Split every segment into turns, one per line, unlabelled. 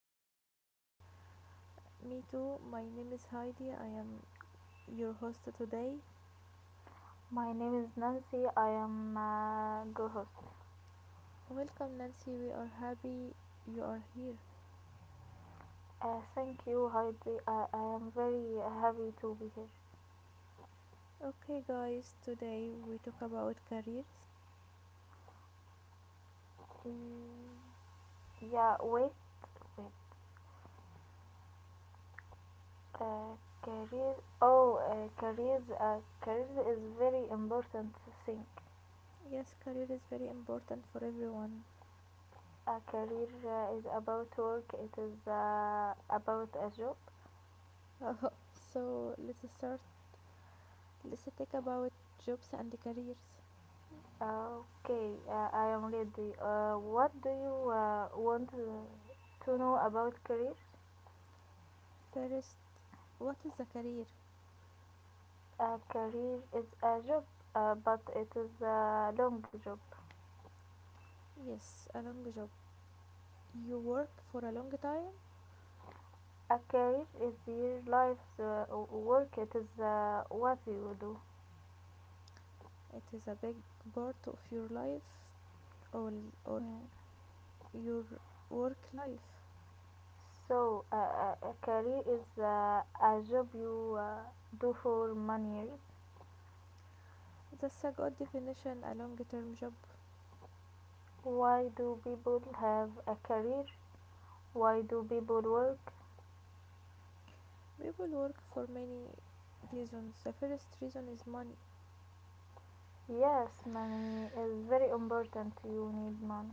to be here.
Me too, my name is Heidi, I am your host today.
My name is Nancy. I am co-host.
Welcome Nancy, we are happy you are here.
Thank you, Heidi. I am very happy to be here.
Okay, guys, today we talk about careers.
Mm, yeah. Wait. Wait. Uh, career. Oh, careers. Careers is very important thing.
Yes, career is very important for everyone.
A career is about work. It is about a job.
so let's start. Let's talk about jobs and careers.
Okay, I am ready. What do you want to know about careers?
First, what is a career?
A career is a job, but it is a long job.
Yes, a long job. You work for a long time.
A career is your life's work. It is what you do.
It is a big part of your life or, or
Mm.
your work life.
So a career is a job you do for many years.
That's a good definition, a long term job.
Why do people have a career? Why do people work?
People work for many reasons. The first reason is money.
Yes, money is very important. You need money.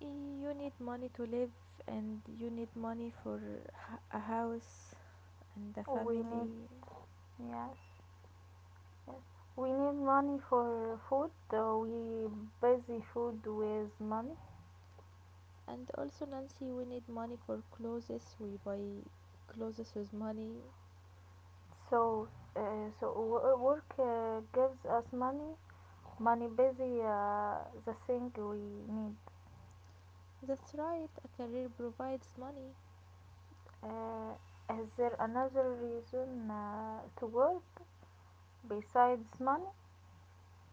You need money to live, and you need money for a house and a
We need,
family.
yes, yes. We need money for food. We buy the food with money.
And also, Nancy, we need money for clothes. We buy clothes with money.
So, so work gives us money. Money busy the thing we need.
That's right, a career provides money.
Uh, is there another reason to work besides money?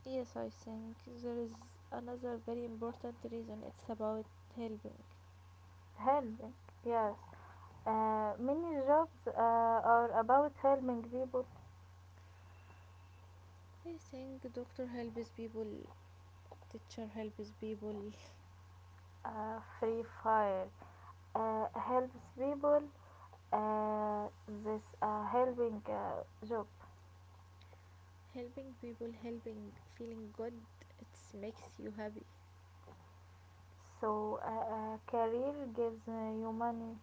Yes, I think there is another very important reason. It's about helping.
Helping. Yes, many jobs are about helping people,
I think doctor helps people, teacher helps people.
free fire helps people, uh, this helping job.
Helping people, helping, feeling good. It makes you happy.
Career gives you money,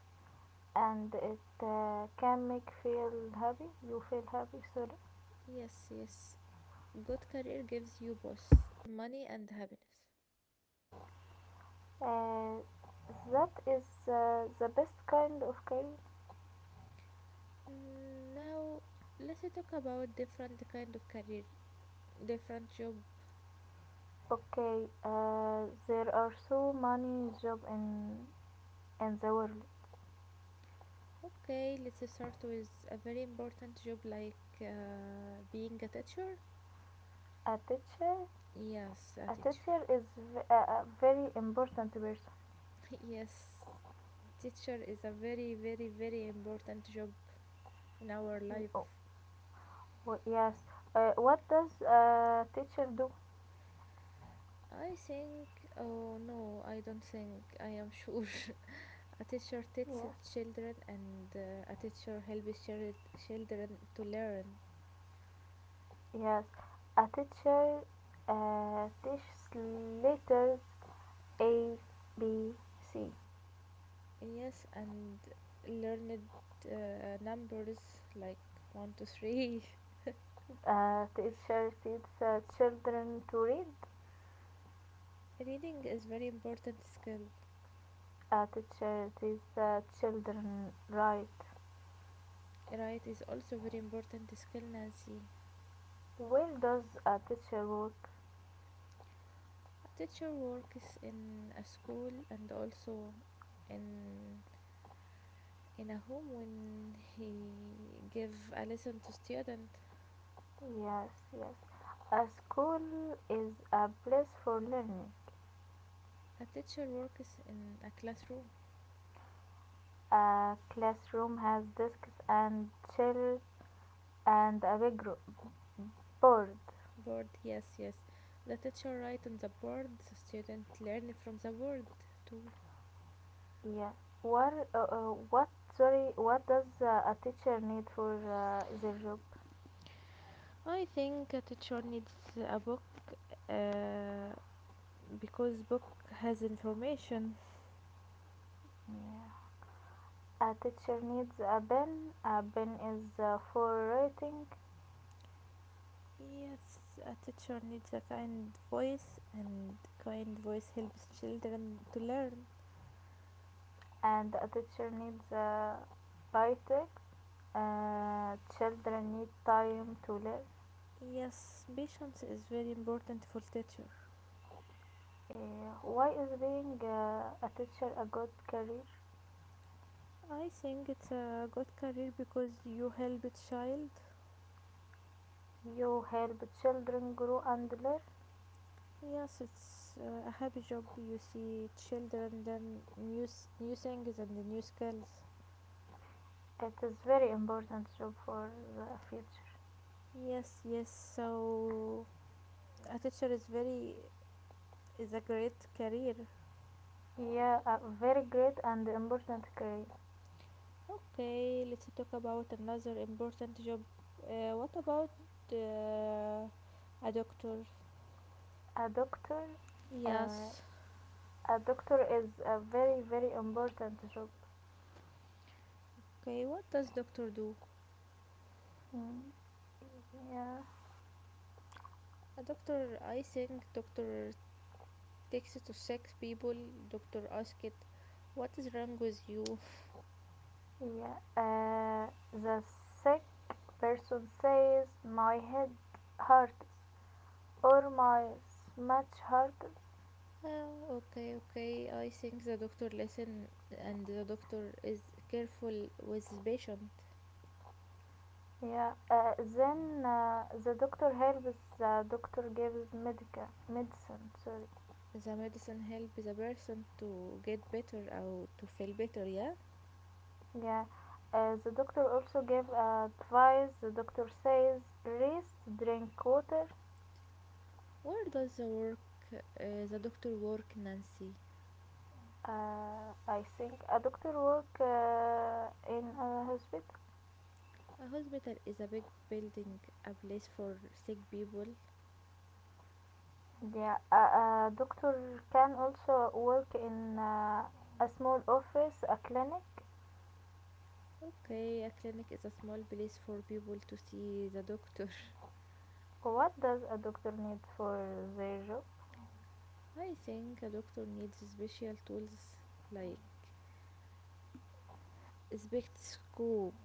and it can make feel happy, you feel happy, sorry,
Yes, yes. Good career gives you both money and happiness.
uh, that is the best kind of career.
Now let's talk about different kind of career, different job.
Okay, there are so many jobs in the world.
Okay, let's start with a very important job like being a teacher.
A teacher.
Yes, a
a
teacher.
teacher is v- a a very important person.
Yes, teacher is a very, very, very important job in our
He-
life.
oh, yes. What does a teacher do?
I think, oh no, I don't think, I am sure. A teacher
Yes.
teaches children and a teacher helps children to learn.
Yes. A teacher teaches letters A, B, C.
Yes, and learned numbers like 1 to 3.
A teacher teaches children to read.
Reading is very important skill.
A teacher teaches children write.
Right is also very important skill, Nancy.
Where does a teacher work?
A teacher works in a school and also in a home when he give a lesson to student.
Yes, yes. A school is a place for learning.
A teacher works in a classroom.
A classroom has desks and chairs and board.
Board, yes, yes. The teacher write on the board. The student learn from the board too.
Yeah. What uh, uh, what sorry what does a teacher need for their job?
I think a teacher needs a book uh, because book has information.
Yeah. A teacher needs a pen. A pen is for writing,
Yes, a teacher needs a kind voice, and kind voice helps children to learn.
and a teacher needs a bitek. Children need time to learn.
Yes, patience is very important for teacher.
Why is being a teacher a good career?
I think it's a good career because you help a child.
You help children grow and learn.
Yes, it's a happy job. You see children learn new things and new skills.
It is very important job for the future.
Yes, yes. So a teacher is very is a great career.
Yeah, a very great and important career.
Okay, let's talk about another important job. What about uh, a doctor?
A doctor. uh,
Yes.
a doctor is a very very important job.
Okay, what does doctor do?
Mm, yeah,
A doctor, I think doctor takes it to sick people. Doctor ask it, what is wrong with you?
yeah, the sick person says my head hurts or my stomach hurts.
Oh, okay, okay. I think the doctor listen and the doctor is careful with his patient.
Yeah, then the doctor helps. The doctor gives medica medicine. Sorry.
The medicine help the person to get better or to feel better, yeah?
Yeah, the doctor also gives advice. The doctor says rest, drink water.
Where does uh, the doctor work, Nancy?
I think a doctor work in a hospital.
A hospital is a big building, a place for sick people.
Yeah, a doctor can also work in a small office, a clinic.
Okay, a clinic is a small place for people to see the doctor.
What does a doctor need for their job?
I think a doctor needs special tools like spectroscope,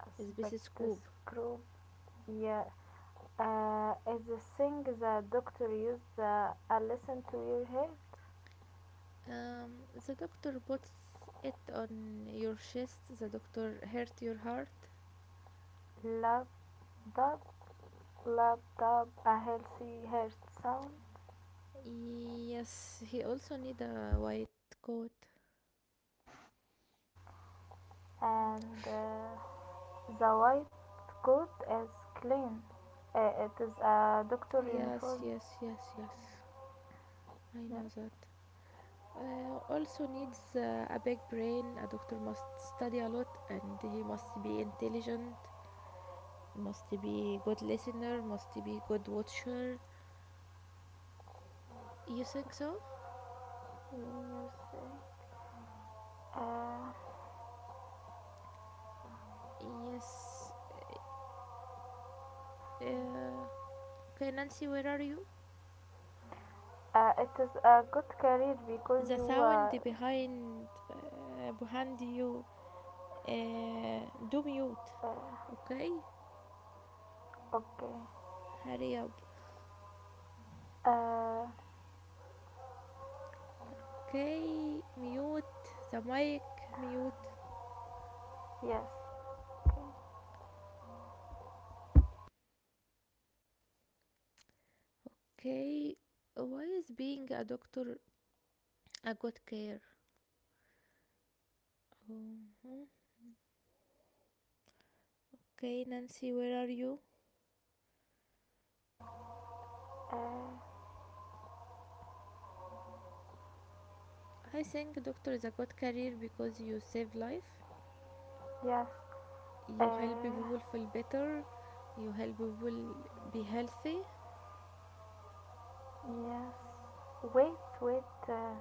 A
stethoscope.
spectroscope. Yeah. Is the thing the doctor used a listen to your heart,
Um, the doctor puts it on your chest. The doctor hurt your heart.
lap dub, lap dub, a healthy heart sound,
Yes, he also need a white coat.
and the white coat is clean. It is a doctor
Yes,
uniform.
yes, yes, yes. I
Yeah,
know that. Also needs a big brain. A doctor must study a lot and he must be intelligent, must be good listener, must be good watcher. You think so?
you say. Uh,
Yes. Uh, okay, Nancy, where are you?
it is a good career because
The
you
sound
are,
behind behind you. Do mute.
uh,
Okay?
okay.
Hurry up.
Uh,
Okay, mute the mic, mute.
yes. Okay.
Okay, why is being a doctor a good career? Mhm. Okay, Nancy, where are you?
Uh,
I think doctor is a good career because you save life,
yes.
you help
Uh,
people feel better, you help people be healthy.
Yes. Wait, wait.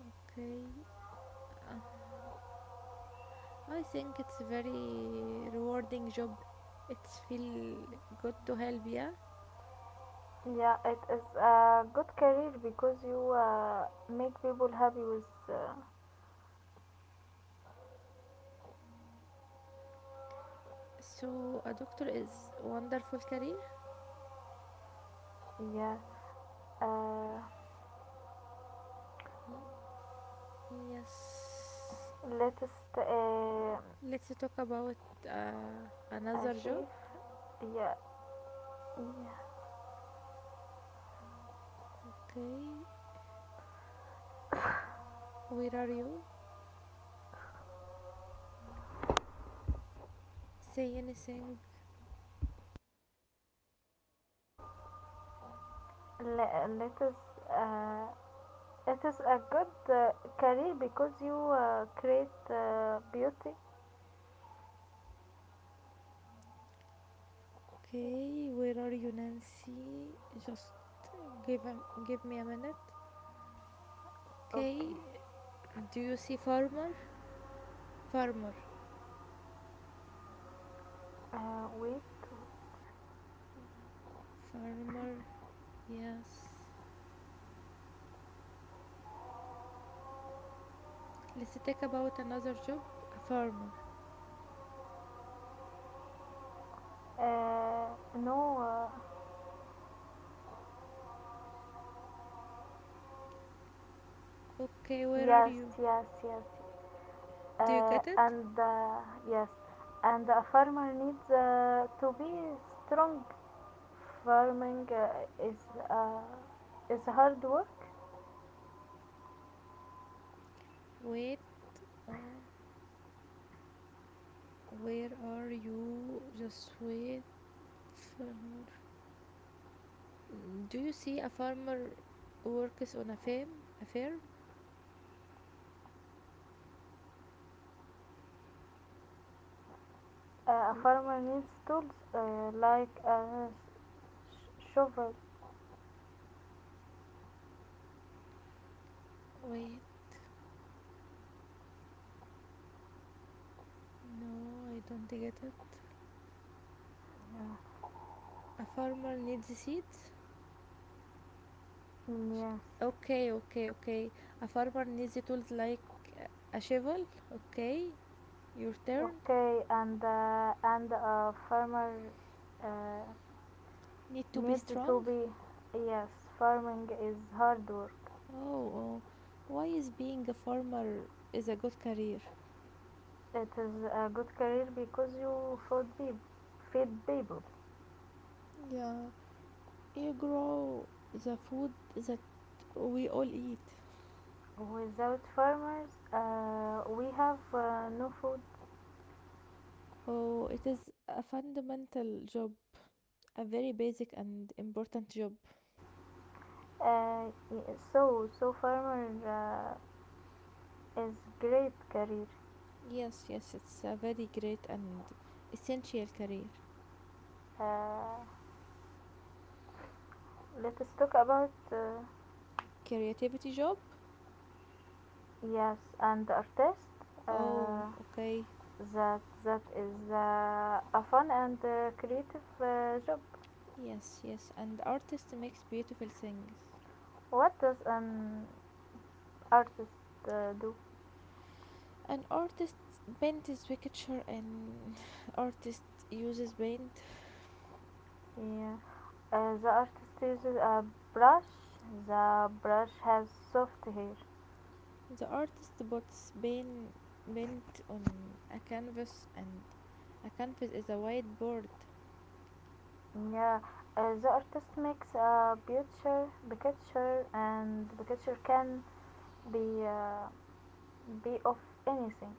Okay, uh, I think it's very rewarding job. It's feel good to help, yeah.
Yeah, it is a good career because you make people happy with.
So a doctor is wonderful career.
Yeah. Uh,
Y- yes.
latest
Let's talk about uh, another job.
achieve. Yeah. Yeah.
Okay, where are you? Say anything.
Let us. Uh, it is a good career because you create beauty.
Okay, where are you, Nancy? Just give a, give me a minute.
Okay.
Okay, do you see farmer? Farmer,
Wait.
farmer. Yes. Let's talk about another job. A farmer.
Uh, no.
Okay, where are
Yes.
you?
Yes. Yes. yes.
Do you get it?
And yes, and a farmer needs to be strong. Farming uh, is hard work.
Wait. Oh, where are you? Just wait, farmer. Mm, do you see a farmer works on a farm? A farm?
A
Oh,
farmer needs tools like a shovel.
wait, no, I don't get it.
Yeah.
A farmer needs seeds. Sh-
Yes.
Okay, okay, okay. A farmer needs tools like a shovel. Okay, your turn.
Okay, and a farmer uh,
Need to be
needs to
strong.
be, yes, farming is hard work.
Oh, oh. Why is being a farmer is a good career?
It is a good career because you feed be feed people.
Yeah, you grow the food that we all eat.
Without farmers, we have no food.
Oh, it is a fundamental job, a very basic and important job.
So farmer is great career.
Yes, yes, it's a very great and essential career.
Uh, let us talk about,
Creativity job?
yes, and artist.
Oh,
Uh,
okay.
that is a fun and creative job.
Yes, yes, and artist makes beautiful things.
What does an artist do?
An artist paints picture and artist uses paint.
Yeah. The artist uses a brush. The brush has soft hair.
The artist puts paint on a canvas and a canvas is a whiteboard.
Yeah, the artist makes a picture, and the picture can be of anything.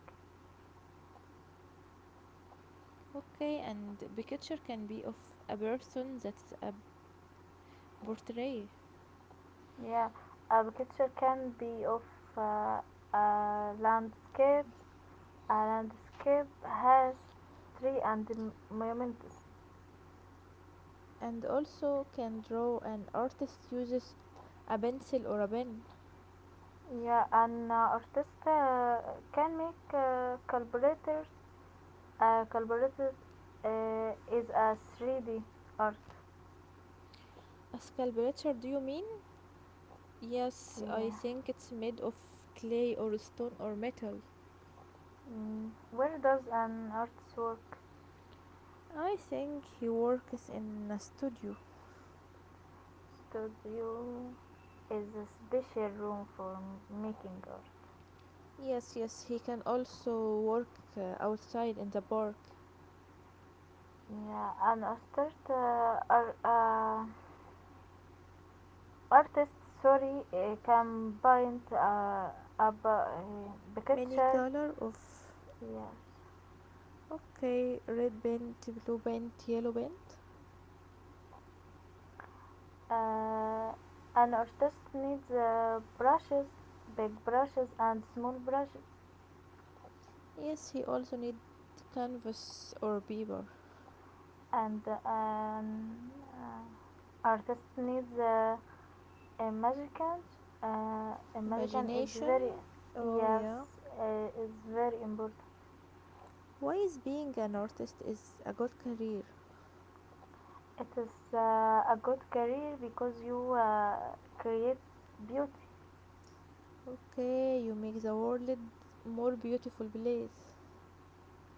Okay, and picture can be of a person, that's a portrait.
Yeah, a picture can be of uh, a landscape. A landscape has tree and monuments.
And also can draw, an artist uses a pencil or a pen.
Yeah, an artist can make collaborators. Collaborators is a 3D art.
A sculpture, do you mean? Yes, I
Yeah.
think it's made of clay or stone or metal.
Mm, where does an artist work?
I think he works in a studio.
Studio is a special room for making art.
Yes, yes, he can also work outside in the park.
Yeah, an artist, artist, can paint
Many
picture.
color of
Yes.
okay, red paint, blue paint, yellow paint.
Uh, an artist needs brushes, big brushes and small brushes,
Yes, he also need canvas or paper.
and an uh, artist needs. Americans, American is
Imagination,
very,
oh
yes,
yeah.
is very important.
Why is being an artist is a good career?
It is a good career because you create beauty.
Okay, you make the world more beautiful place.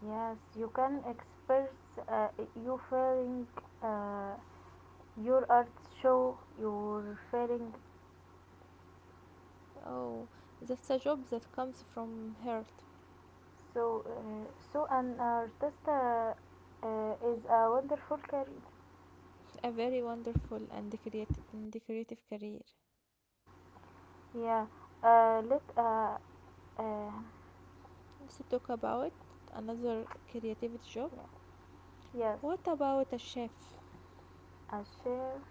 Yes, you can express uh, your feeling. Uh, your art show your feeling.
Oh, that's a job that comes from heart.
So an artist is a wonderful career.
A very wonderful and creative career.
Yeah. Let uh,
Let's talk about another creativity job.
yeah. Yes,
What about a chef?
a share.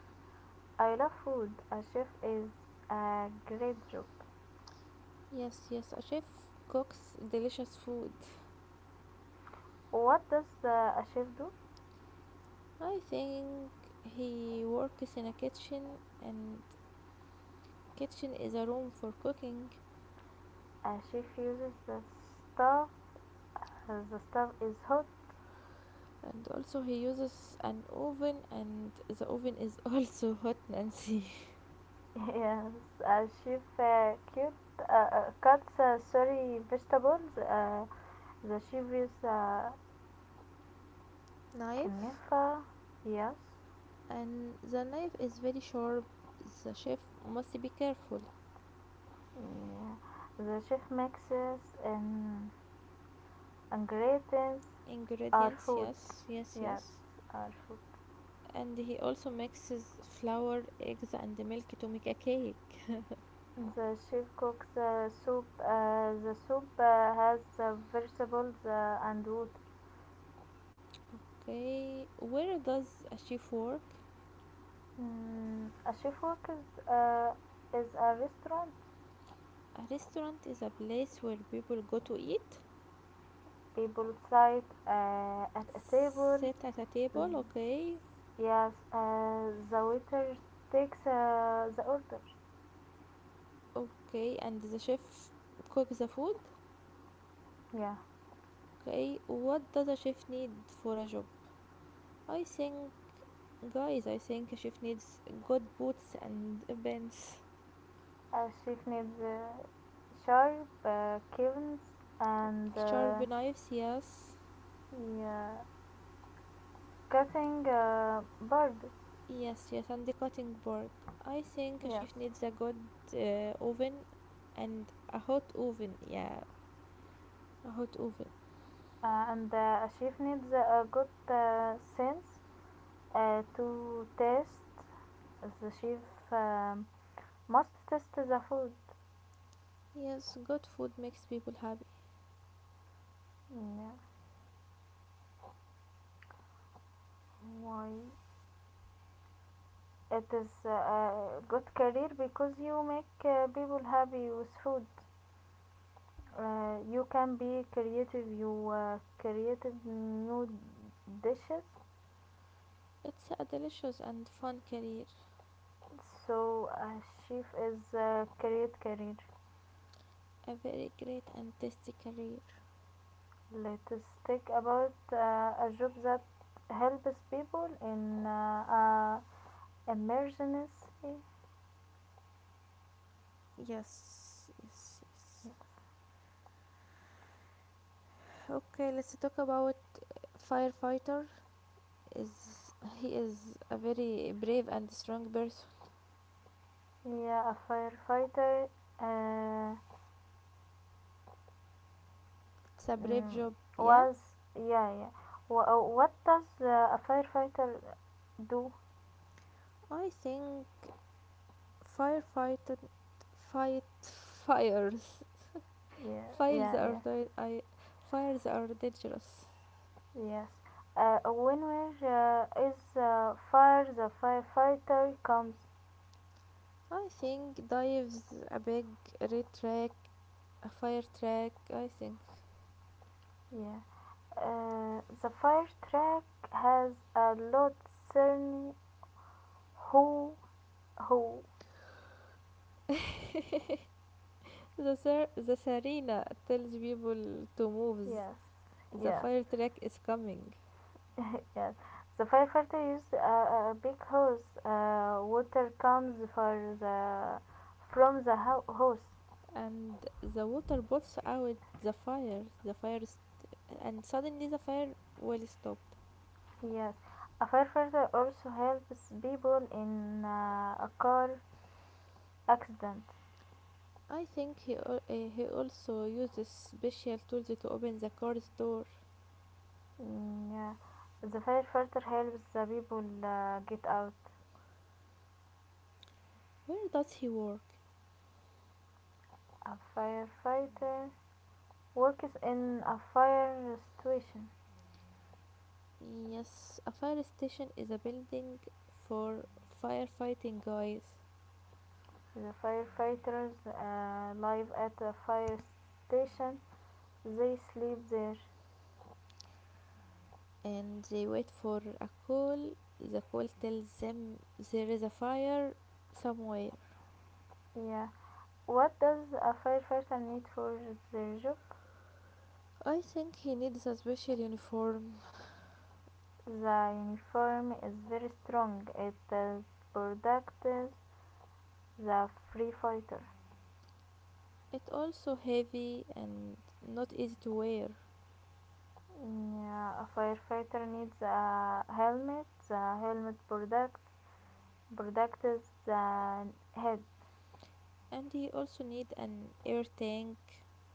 I love food. A chef is a great job.
Yes, yes, a chef cooks delicious food.
What does a chef do?
I think he works in a kitchen and kitchen is a room for cooking.
A chef uses the stuff. The stuff is hot.
And also he uses an oven and the oven is also hot Nancy.
Yes, a chef cuts sorry vegetables. The chef uses a
Knife,
knife. Yes,
and the knife is very sharp. The chef must be careful.
yeah. The chef mixes and ingredients our
Ingredients,
food.
yes, yes,
Yes,
yes.
our food.
And he also mixes flour, eggs and milk to make a cake.
The chef cooks the soup. The soup has the vegetables and wood.
Okay, where does a chef work?
Mm, a chef works is a restaurant.
A restaurant is a place where people go to eat.
People sit at a table.
Sit at a table, okay.
Yes, the waiter takes the order.
Okay, and the chef cooks the food.
Yeah,
Okay, what does a chef need for a job? I think, guys, I think a chef needs good boots and pens,
a chef needs sharp kilns and,
sharp knives, yes,
yeah, cutting board.
yes, yes, and the cutting board. I think a
Yes.
chef needs a good oven and a hot oven, yeah, a hot oven.
And a chef needs a good sense to taste. The chef must test the food.
Yes, good food makes people happy.
Yeah. Why? It is a good career because you make people happy with food. You can be creative. You creative new dishes.
It's a delicious and fun career,
So a chef is a great career.
a very great and tasty career.
Let us think about a job that helps people in emergency.
Yes, yes, yes. Okay, let's talk about firefighter. Is he is a very brave and strong person.
Yeah, a firefighter uh,
It's a brave
mm,
job, yeah.
was yeah, yeah. What does a firefighter do?
I think firefighter fight fires,
Yeah,
fires
yeah,
are
yeah.
di- I, fires are dangerous.
Yes. When there is a fire, the firefighter comes.
I think dives a big red track, a fire track. I think
Yeah. The fire truck has a load certain. Who, who,
the Serena tells people to move.
yes,
The
yes,
fire track is coming.
yes. The firefighter used a big hose. Water comes for the, from the hose.
And the water bursts out the fire, and suddenly the fire will stop.
Yes. A firefighter also helps people in a car accident.
I think he also uses special tools to open the car's door.
Mm, yeah. The firefighter helps the people get out.
Where does he work?
A firefighter works in a fire situation.
Yes, a fire station is a building for firefighting guys.
The firefighters live at a fire station. They sleep there.
And they wait for a call, the call tells them there is a fire somewhere.
Yeah. What does a firefighter need for their job?
I think he needs a special uniform.
The uniform is very strong. It is protects the free fighter.
It also heavy and not easy to wear.
Yeah, a firefighter needs a helmet. The helmet protects the head.
And he also need an air tank.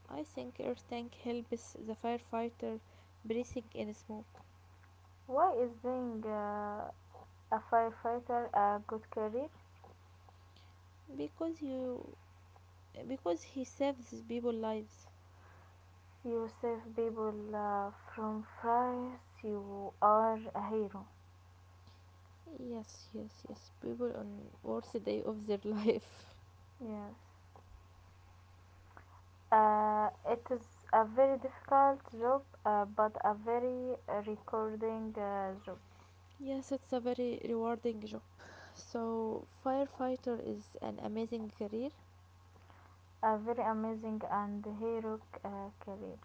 I think air tank helps the firefighter breathing in smoke.
Why is being a firefighter a good career?
because you because he saves people lives.
Yourself people from France, you are a hero.
Yes, yes, yes, people on worst day of their life.
Yes. It is a very difficult job, but a very recording job.
Yes, it's a very rewarding job. So firefighter is an amazing career.
A very amazing and heroic career.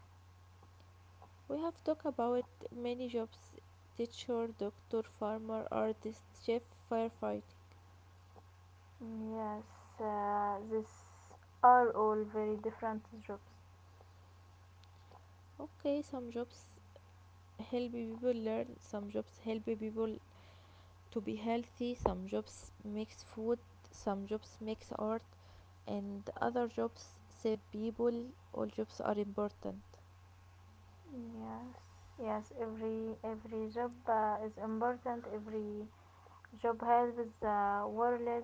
We have talked about many jobs, teacher, doctor, farmer, artist, chef, firefighting.
Yes, these are all very different jobs.
Okay, some jobs help people learn, some jobs help people to be healthy, some jobs mix food, some jobs mix art, and other jobs save people. All jobs are important.
Yes, yes, every job is important. Every job helps the world.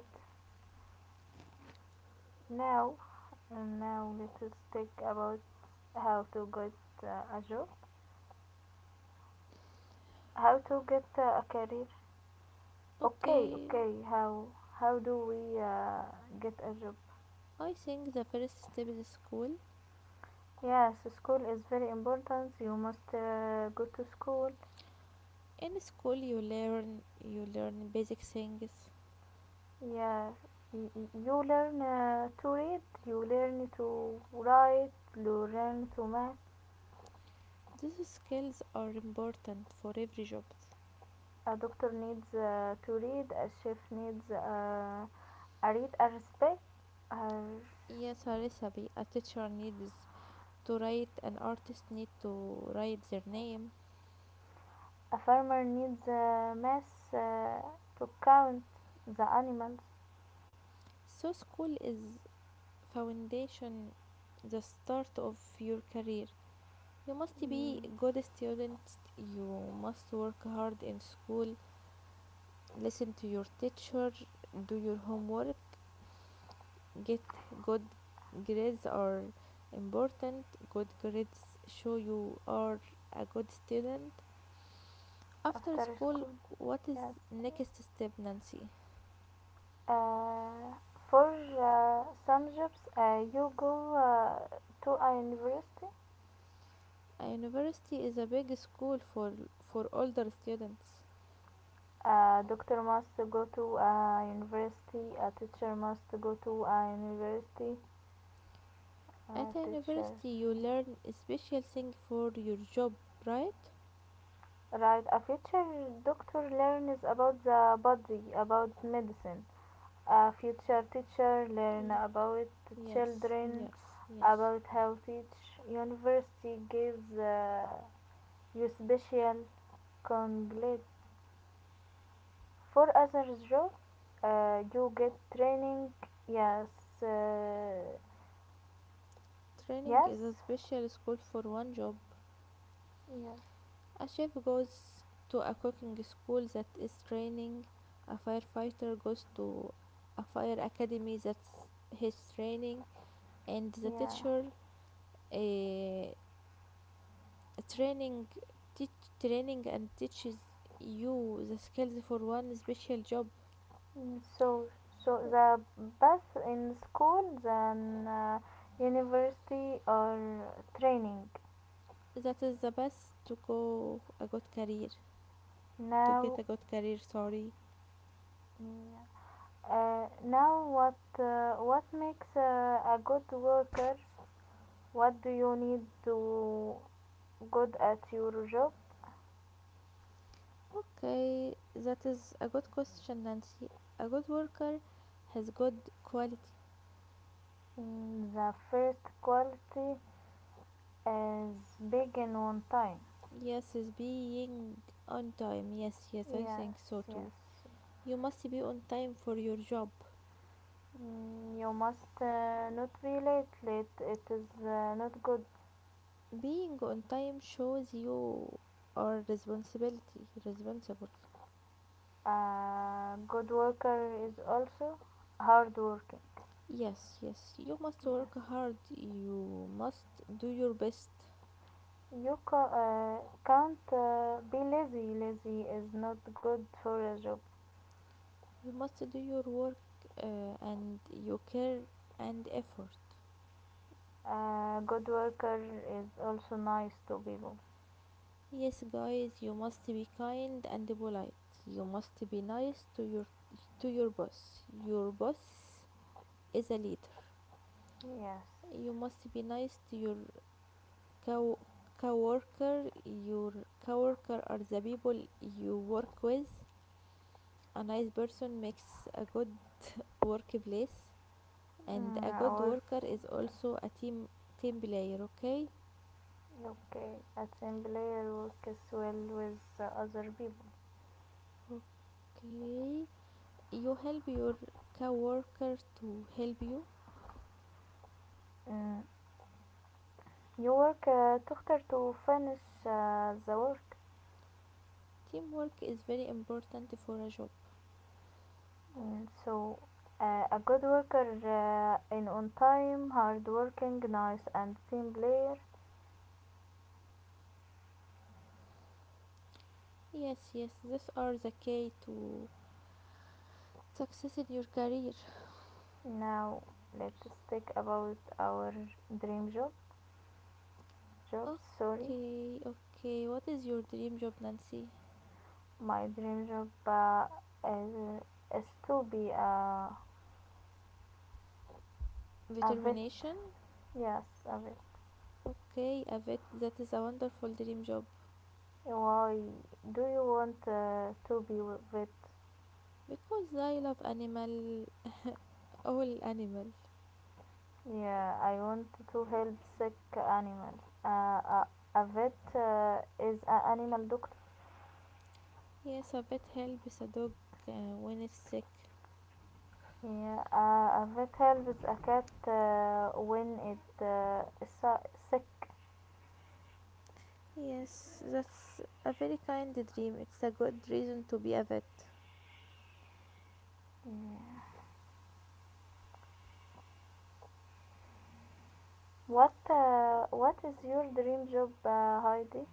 Now, and now let us think about how to get a job, how to get a career. Okay,
Okay,
okay. How do we get a job?
I think the first step is school.
Yes, school is very important. You must go to school.
In school, you learn basic things.
Yes, you learn to read, you learn to write, you learn to math.
These skills are important for every job.
A doctor needs to read. A chef needs a read. A respect. A
Yes, Harisabi, a teacher needs to write, an artist need to write their name.
A farmer needs a mass to count the animals.
So school is foundation, the start of your career. You must be
Mm,
good student, you must work hard in school, listen to your teacher, do your homework, get good grades are important. Good grades show you are a good student. After
after
school,
school.
what is
Yes.
next step, Nancy?
Uh, for some jobs, you go to a university.
A university is a big school for older students.
A doctor must go to a university. A teacher must go to a university. A
At a
teacher.
university you learn a special thing for your job, right?
Right. A future doctor learns about the body, about medicine. A future teacher learn
L-
about
yes,
children,
yes, yes.
about how teach. University gives you special conglet for other job. You get training. Yes. uh,
Training is
yes.
a special school for one job.
Yes.
A chef goes to a cooking school, that is training. A firefighter goes to a fire academy, that's his training. And the
Yeah.
teacher, eh, training teach training and teaches you the skills for one special job.
Mm, so so the path in school, then university or training
That is the best to go a good career to get
now.
a good career, sorry.
Yeah. Now, what makes a good worker? What do you need to good at your job?
Okay, that is a good question, Nancy. A good worker has good quality.
Mm, the first quality is big in one time.
Yes, is being on time, yes, yes, I
Yes,
think so too.
yes.
You must be on time for your job.
Mm, you must not be late. Late it is not good.
Being on time shows you are responsibility responsible.
A good worker is also hard working.
Yes, yes, you must work
Yes.
hard, you must do your best,
You can't be lazy. Lazy is not good for a job.
you must do your work and your care and effort.
A good worker is also nice to people.
Yes, guys, you must be kind and polite. You must be nice to your boss. Your boss is a leader.
Yes.
You must be nice to your co coworker. Your coworker are the people you work with. A nice person makes a good workplace, and a good
Our
worker is also a team player. Okay,
okay. Assembler works well with other people.
okay, you help your coworker to help you.
Mm, you work together to finish the work.
Teamwork is very important for a job.
So a good worker in on time, hard working, nice, and team player.
Yes, yes, these are the key to success in your career.
Now let's speak about our dream job. Job, sorry,
Okay, okay, what is your dream job, Nancy?
my dream job is, is to be a vet.
Determination.
Yes, a vet.
Okay, a vet, that is a wonderful dream job.
Why do you want to be a vet?
Because I love animal, all animal.
Yeah, I want to help sick animals. A vet is an animal doctor.
Yes, a vet helps a dog when it's sick.
Yeah, a vet helps a cat when it sick.
Yes, that's a very kind dream. It's a good reason to be a vet.
Yeah. What is your dream job, Heidi?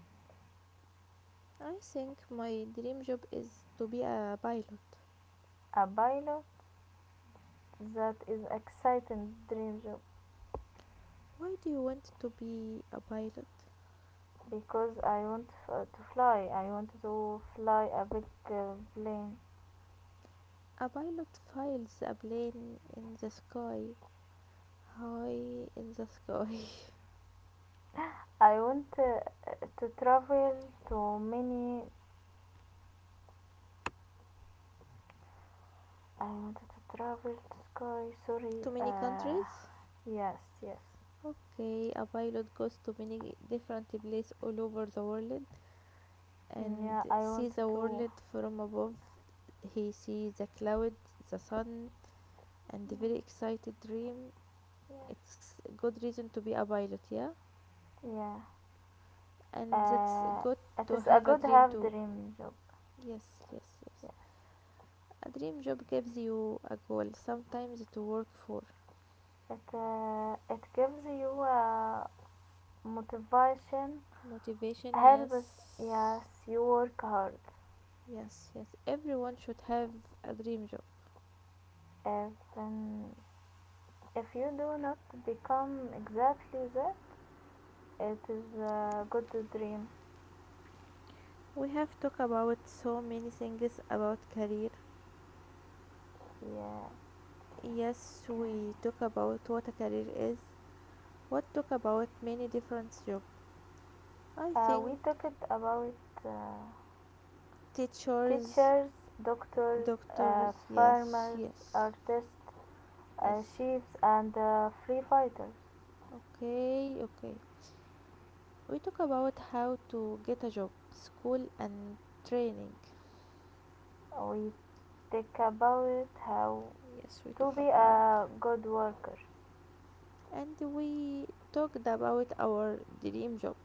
I think my dream job is to be a pilot.
A pilot. That is exciting dream job
Why do you want to be a pilot?
because I want to fly. I want to fly a big plane.
A pilot files a plane in the sky, high in the sky.
I want to travel to many. I want to travel to sky. Sorry.
To many countries?
Yes, yes.
Okay, a pilot goes to many different places all over the world and
Yeah, I want
sees the
to.
world from above. He sees the clouds, the sun, and a very excited dream.
Yeah.
It's a good reason to be a pilot, yeah?
Yeah.
And that's
Uh,
good
it
to
is a
have a
good
dream
have
too.
dream job.
Yes, yes, yes. A dream job gives you a goal sometimes to work for.
It gives you motivation
Motivation,
helps,
yes.
yes, you work hard.
Yes, yes. Everyone should have a dream job.
If um, if you do not become exactly that, it is a good dream.
We have talked about so many things about career.
Yeah,
Yes,
okay.
we talk about what a career is. What talk about many different jobs. I
We
think
talked about uh,
teachers,
teachers, doctors,
doctors, yes,
farmers,
yes.
artists,
Yes.
chiefs and free fighters.
Okay, okay. We talk about how to get a job, school and training.
We talk about how
Yes, we
to
talk
be
about.
a good worker.
And we talked about our dream job.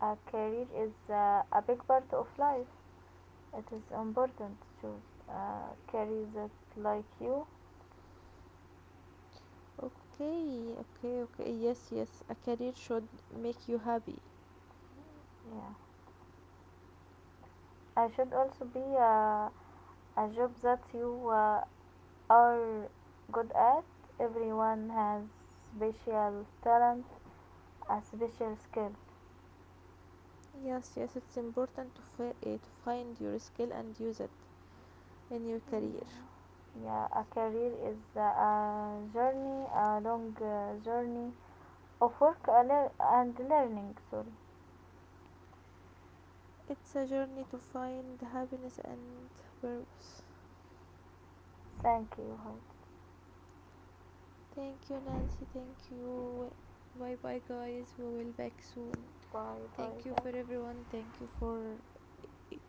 A career is a big part of life. It is important to carry that like you.
Okay, okay, okay. Yes, yes. A career should make you happy.
Yeah, I should also be a job that you are good at. Everyone has special talent, a special skill.
Yes, yes. It's important to, to find your skill and use it in your career.
Mm. Yeah, a career is a journey, a long journey of work and learning. Sorry.
It's a journey to find happiness and purpose.
Thank you.
Thank you, Nancy. Thank you. Bye bye, guys. We will back soon.
Bye bye,
Thank you for
guys.
everyone. Thank you for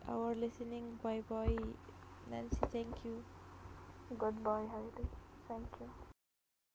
our listening. Bye bye, Nancy. Thank you.
Goodbye Heidi. Thank you.